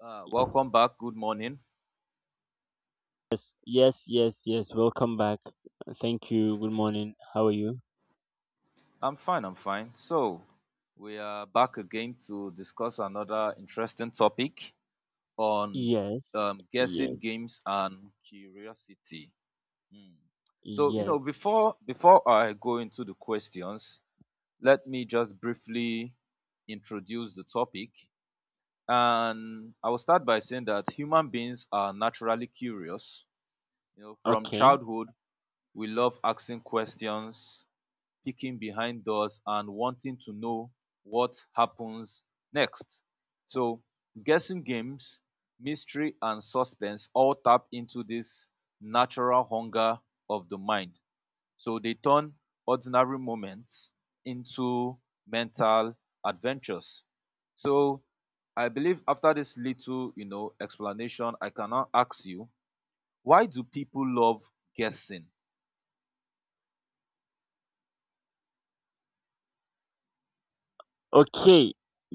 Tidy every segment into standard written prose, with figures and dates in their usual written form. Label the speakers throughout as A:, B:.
A: Welcome back. Good morning.
B: Yes, yes, yes, yes. Welcome back. Thank you. Good morning. How are you?
A: I'm fine. I'm fine. So, we are back again to discuss another interesting topic on
B: Yes,
A: guessing
B: yes,
A: games and curiosity. Hmm. So,
B: yes.
A: before I go into the questions, let me just briefly introduce the topic. And I will start by saying that human beings are naturally curious. You know, from
B: Okay.
A: childhood, we love asking questions, peeking behind doors and wanting to know what happens next. So, guessing games, mystery, and suspense all tap into this natural hunger of the mind. So, they turn ordinary moments into mental adventures. So, I believe after this little, explanation, I can now ask you, why do people love guessing?
B: Okay,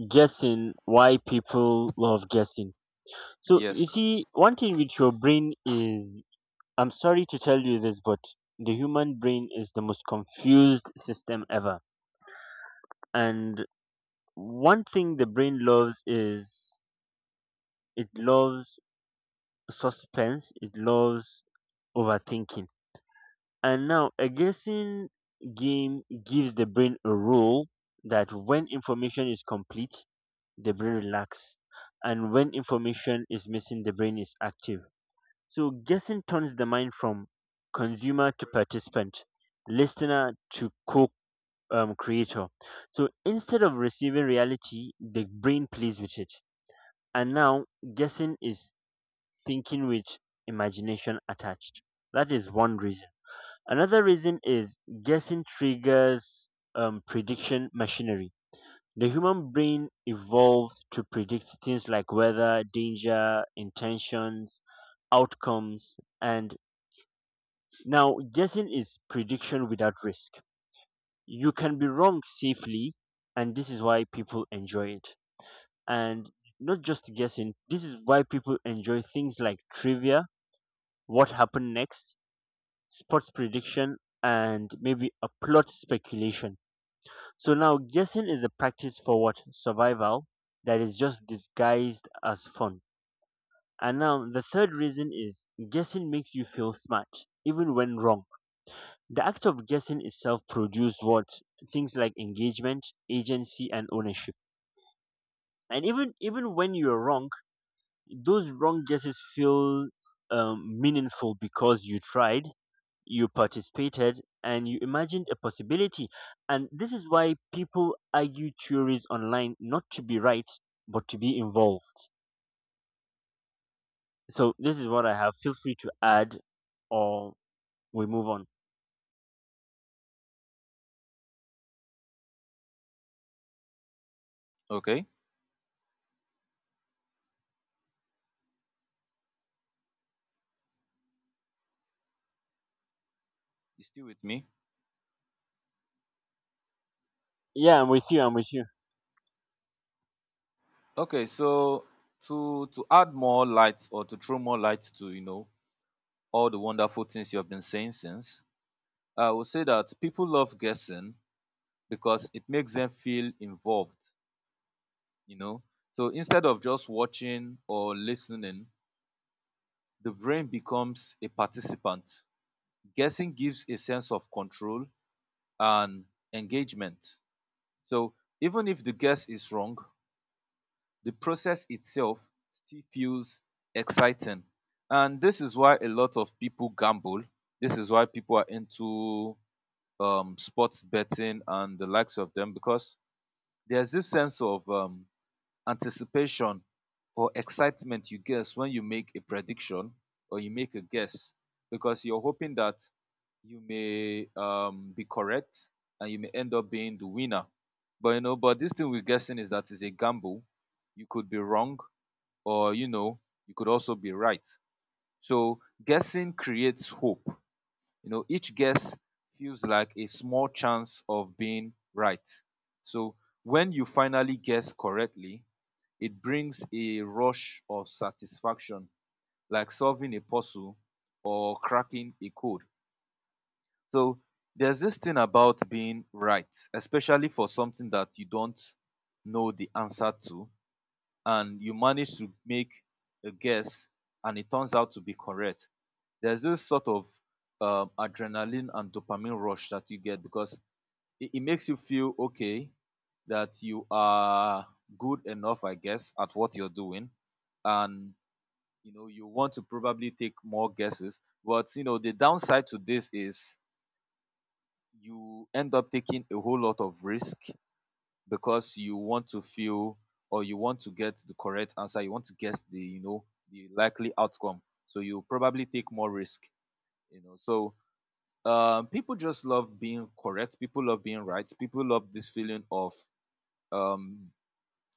B: guessing, why people love guessing. So you
A: Yes.
B: see, one thing with your brain is, I'm sorry to tell you this, but the human brain is the most confused system ever. And one thing the brain loves is, it loves suspense, it loves overthinking. And now a guessing game gives the brain a rule that when information is complete, the brain relaxes, and when information is missing, the brain is active. So guessing turns the mind from consumer to participant, listener to co creator So instead of receiving reality, the brain plays with it. And now guessing is thinking with imagination attached. That is one reason. Another reason is guessing triggers prediction machinery. The human brain evolved to predict things like weather, danger, intentions, outcomes, and now guessing is prediction without risk. You can be wrong safely, and this is why people enjoy it. And not just guessing, this is why people enjoy things like trivia, what happened next, sports prediction, and maybe a plot speculation. So now guessing is a practice for what? Survival that is just disguised as fun. And now the third reason is guessing makes you feel smart, even when wrong. The act of guessing itself produces what? Things like engagement, agency, and ownership. And even when you're wrong, those wrong guesses feel meaningful because you tried, you participated, and you imagined a possibility. And this is why people argue theories online, not to be right but to be involved. So this is what I have. Feel free to add, or we move on.
A: Okay. You still with me?
B: Yeah, I'm with you. I'm with you.
A: Okay, so to add more light, or to throw more light to, you know, all the wonderful things you've been saying since, I would say that people love guessing because it makes them feel involved, you know. So instead of just watching or listening, the brain becomes a participant. Guessing gives a sense of control and engagement. So even if the guess is wrong, the process itself still feels exciting, and this is why a lot of people gamble. This is why people are into sports betting and the likes of them, because there's this sense of anticipation or excitement. You guess when you make a prediction or you make a guess because you're hoping that you may be correct and you may end up being the winner. But you know, but this thing we're guessing is that it's a gamble. You could be wrong, or you know, you could also be right. So guessing creates hope. You know, each guess feels like a small chance of being right. So when you finally guess correctly, it brings a rush of satisfaction, like solving a puzzle or cracking a code. So there's this thing about being right, especially for something that you don't know the answer to, and you manage to make a guess and it turns out to be correct. There's this sort of adrenaline and dopamine rush that you get, because it makes you feel okay, that you are good enough, I guess, at what you're doing. And you know, you want to probably take more guesses. But you know, the downside to this is you end up taking a whole lot of risk because you want to feel, or you want to get the correct answer. You want to guess the, you know, the likely outcome, so you probably take more risk. You know, so people just love being correct. People love being right. People love this feeling um,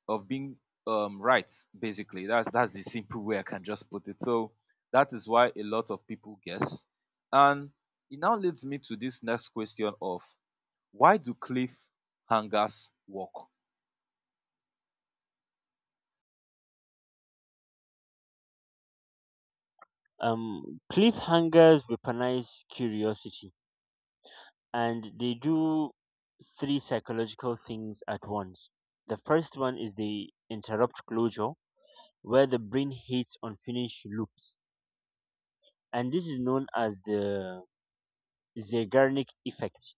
A: of being right, basically. That's the simple way I can just put it. So that is why a lot of people guess. And it now leads me to this next question of, why do cliff hangers work?
B: Cliffhangers weaponize curiosity, and they do three psychological things at once. The first one is they interrupt closure, where the brain hates unfinished loops, and this is known as the Zeigarnik effect,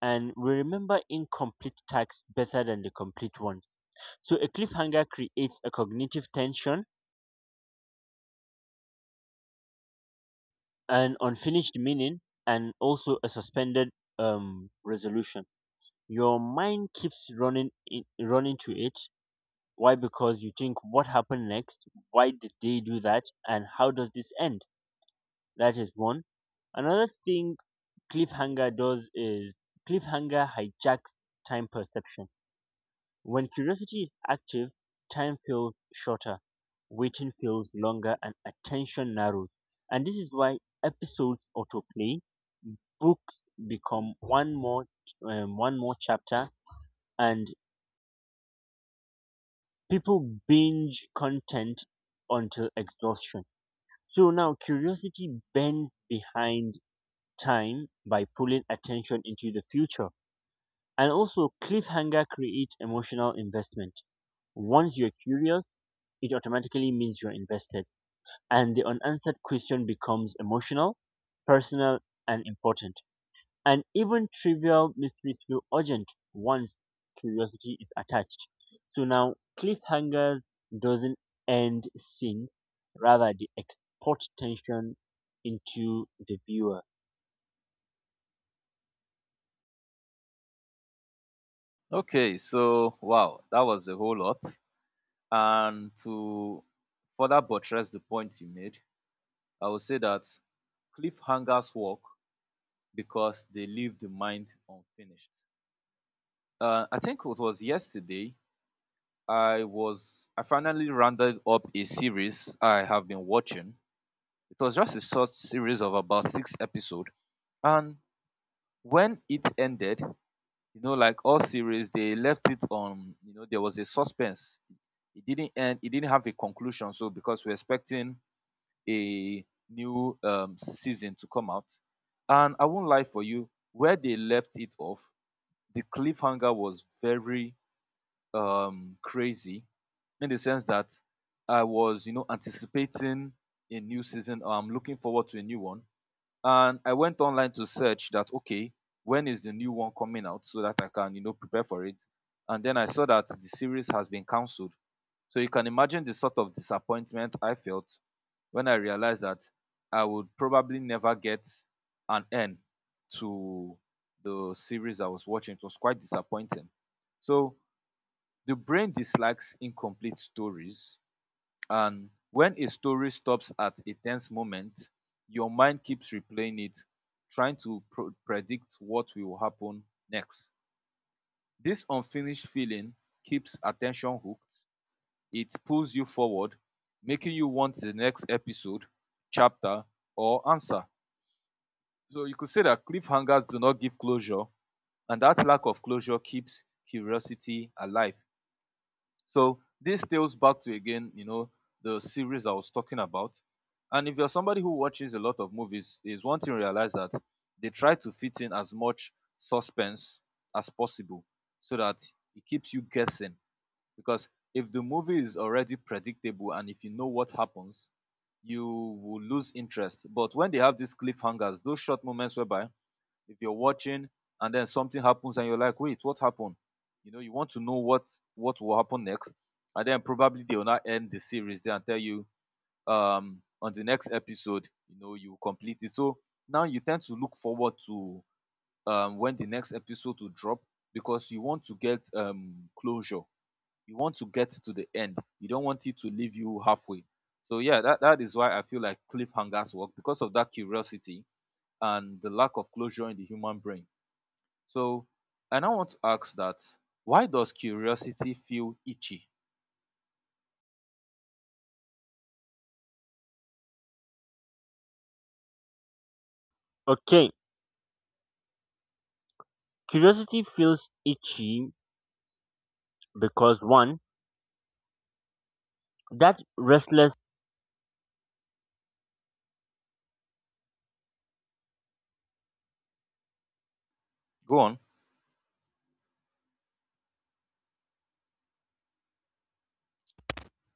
B: and we remember incomplete tasks better than the complete ones. So a cliffhanger creates a cognitive tension, an unfinished meaning, and also a suspended resolution. Your mind keeps running to it. Why? Because you think, what happened next? Why did they do that? And how does this end? That is one. Another thing cliffhanger does is cliffhanger hijacks time perception. When curiosity is active, time feels shorter, waiting feels longer, and attention narrows. And this is why episodes autoplay, books become one more chapter, and people binge content until exhaustion. So now curiosity bends behind time by pulling attention into the future. And also cliffhanger creates emotional investment. Once you're curious, it automatically means you're invested. And the unanswered question becomes emotional, personal, and important. And even trivial mysteries feel urgent once curiosity is attached. So now, cliffhangers doesn't end scene, rather they export tension into the viewer.
A: Okay, so wow, that was a whole lot. And to further buttress the point you made, I would say that cliffhangers work because they leave the mind unfinished. I think it was yesterday. I finally rounded up a series I have been watching. It was just a short series of about 6 episodes, and when it ended, you know, like all series, they left it on. You know, there was a suspense. It didn't end, it didn't have a conclusion, so because we're expecting a new season to come out. And I won't lie for you, where they left it off, the cliffhanger was very crazy, in the sense that I was, you know, anticipating a new season, or I'm looking forward to a new one. And I went online to search that, okay, when is the new one coming out, so that I can, you know, prepare for it. And then I saw that the series has been cancelled. So you can imagine the sort of disappointment I felt when I realized that I would probably never get an end to the series I was watching. It was quite disappointing. So the brain dislikes incomplete stories, and when a story stops at a tense moment, your mind keeps replaying it, trying to predict what will happen next. This unfinished feeling keeps attention hooked. It pulls you forward, making you want the next episode, chapter, or answer. So you could say that cliffhangers do not give closure, and that lack of closure keeps curiosity alive. So this tails back to, again, you know, the series I was talking about. And if you're somebody who watches a lot of movies, is one thing to realize that they try to fit in as much suspense as possible, so that it keeps you guessing. Because if the movie is already predictable and if you know what happens, you will lose interest. But when they have these cliffhangers, those short moments whereby if you're watching and then something happens and you're like, wait, what happened? You know, you want to know what will happen next, and then probably they will not end the series there and tell you on the next episode, you know, you complete it. So now you tend to look forward to when the next episode will drop, because you want to get closure. You want to get to the end, you don't want it to leave you halfway. So yeah, that is why I feel like cliffhangers work, because of that curiosity and the lack of closure in the human brain. So I now want to ask that, why does curiosity feel itchy?
B: Okay, curiosity feels itchy because one, that restless.
A: Go on.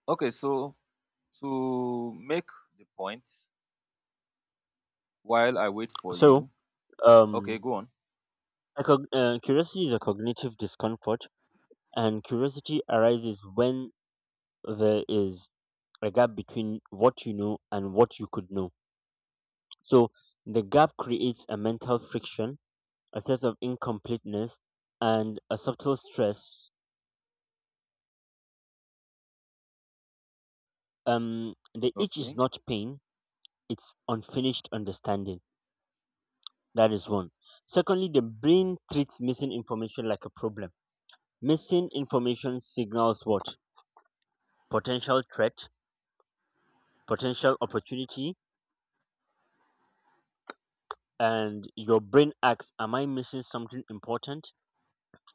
A: Okay, so to make the point while I wait for
B: So,
A: you. Okay,
B: um,
A: go on.
B: curiosity is a cognitive discomfort, and curiosity arises when there is a gap between what you know and what you could know. So the gap creates a mental friction, a sense of incompleteness, and a subtle stress. The itch is
A: Okay.
B: not pain, it's unfinished understanding. That is one. Secondly, the brain treats missing information like a problem. Missing information signals what? Potential threat, potential opportunity, and your brain asks, am I missing something important?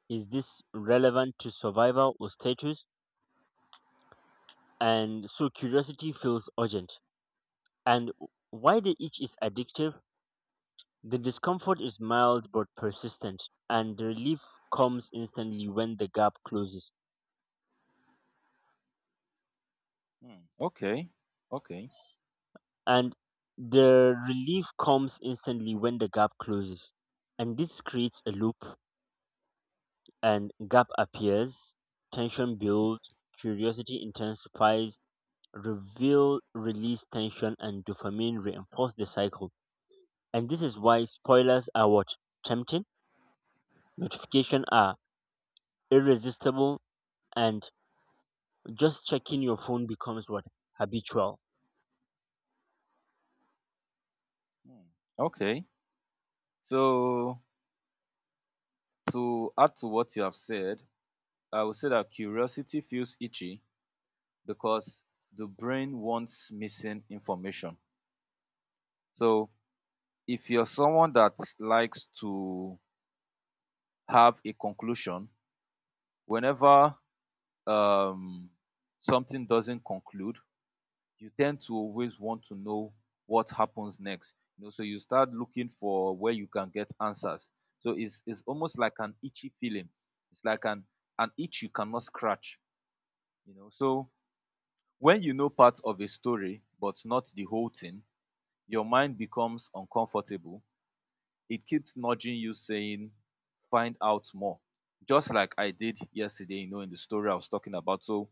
B: Is this relevant to survival or status? And so curiosity feels urgent. And why the itch is addictive? The discomfort is mild but persistent, and the relief comes instantly when the gap closes.
A: Hmm, okay. Okay.
B: And the relief comes instantly when the gap closes. And this creates a loop, and gap appears, tension builds, curiosity intensifies, reveal, release tension, and dopamine reinforce the cycle. And this is why spoilers are what? Tempting, notifications are irresistible, and just checking your phone becomes what? Habitual.
A: Hmm, okay. So to add to what you have said, I would say that curiosity feels itchy because the brain wants missing information. So if you're someone that likes to have a conclusion, whenever um, something doesn't conclude, you tend to always want to know what happens next. You know, so you start looking for where you can get answers. So it's almost like an itchy feeling. It's like an itch you cannot scratch. You know, so when you know part of a story but not the whole thing, your mind becomes uncomfortable. It keeps nudging you, saying, find out more. Just like I did yesterday, you know, in the story I was talking about. So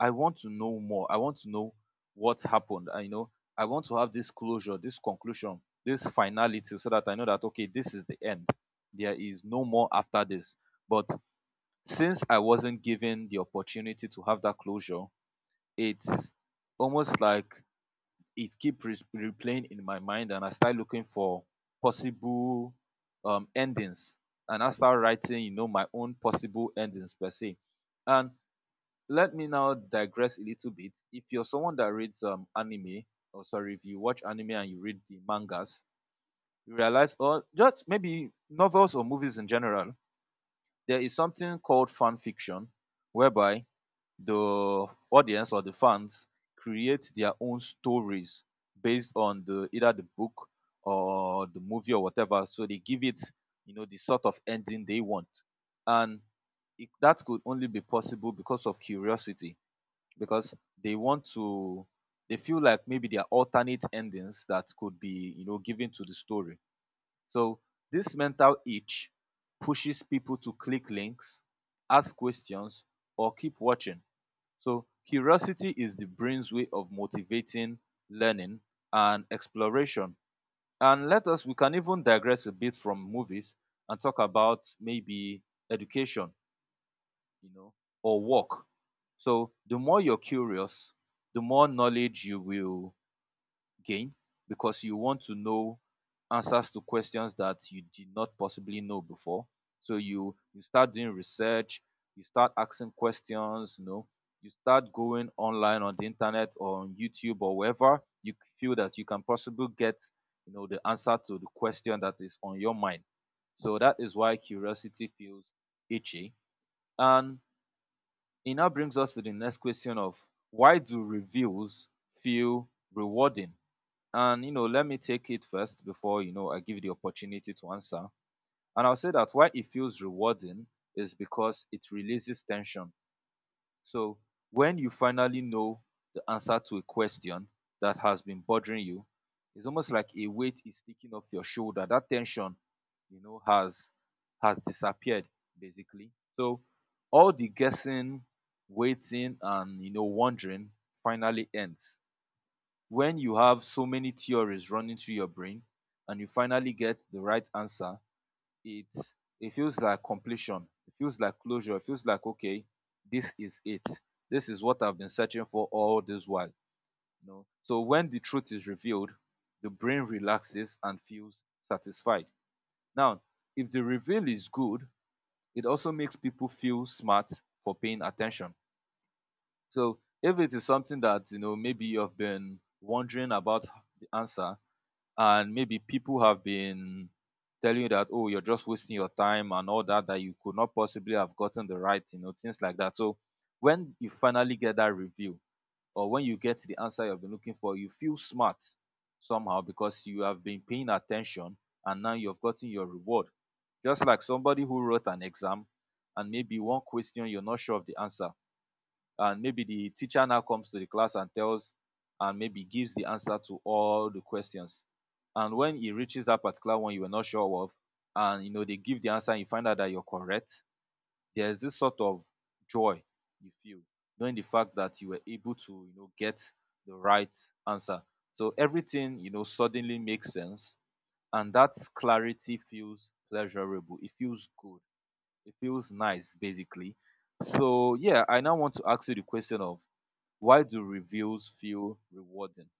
A: I want to know more, I want to know what happened. I know I want to have this closure, this conclusion, this finality, so that I know that, okay, this is the end. There is no more after this. But since I wasn't given the opportunity to have that closure, it's almost like it keep replaying in my mind, and I start looking for possible endings, and I start writing, you know, my own possible endings per se. And let me now digress a little bit. If you're someone that reads anime, or sorry, if you watch anime and you read the mangas, you realize, or just maybe novels or movies in general, there is something called fan fiction, whereby the audience or the fans create their own stories based on the either the book or the movie or whatever. So they give it, you know, the sort of ending they want. And that could only be possible because of curiosity, because they want to, they feel like maybe there are alternate endings that could be, you know, given to the story. So this mental itch pushes people to click links, ask questions, or keep watching. So curiosity is the brain's way of motivating learning and exploration. And we can even digress a bit from movies and talk about maybe education, you know, or work. So the more you're curious, the more knowledge you will gain, because you want to know answers to questions that you did not possibly know before. So you start doing research, you start asking questions, you know, you start going online on the internet or on YouTube or wherever you feel that you can possibly get, you know, the answer to the question that is on your mind. So that is why curiosity feels itchy. And it now brings us to the next question of, why do reviews feel rewarding? And you know, let me take it first before, you know, I give you the opportunity to answer. And I'll say that why it feels rewarding is because it releases tension. So when you finally know the answer to a question that has been bothering you, it's almost like a weight is sticking off your shoulder. That tension, you know, has disappeared, basically. So all the guessing, waiting, and you know, wondering finally ends. When you have so many theories running through your brain and you finally get the right answer, it it feels like completion. It feels like closure. It feels like, okay, this is it. This is what I've been searching for all this while, you know. So when the truth is revealed, the brain relaxes and feels satisfied. Now, if the reveal is good, it also makes people feel smart for paying attention. So if it is something that, you know, maybe you've been wondering about the answer, and maybe people have been telling you that, oh, you're just wasting your time and all that, that you could not possibly have gotten the right, you know, things like that. So when you finally get that review, or when you get the answer you've been looking for, you feel smart somehow, because you have been paying attention and now you've gotten your reward. Just like somebody who wrote an exam, and maybe one question you're not sure of the answer, and maybe the teacher now comes to the class and tells, and maybe gives the answer to all the questions, and when he reaches that particular one you were not sure of, and you know, they give the answer and you find out that you're correct, there's this sort of joy you feel, knowing the fact that you were able to, you know, get the right answer. So everything, you know, suddenly makes sense, and that clarity feels pleasurable. It feels good, it feels nice, basically. So yeah, I now want to ask you the question of, why do reviews feel rewarding?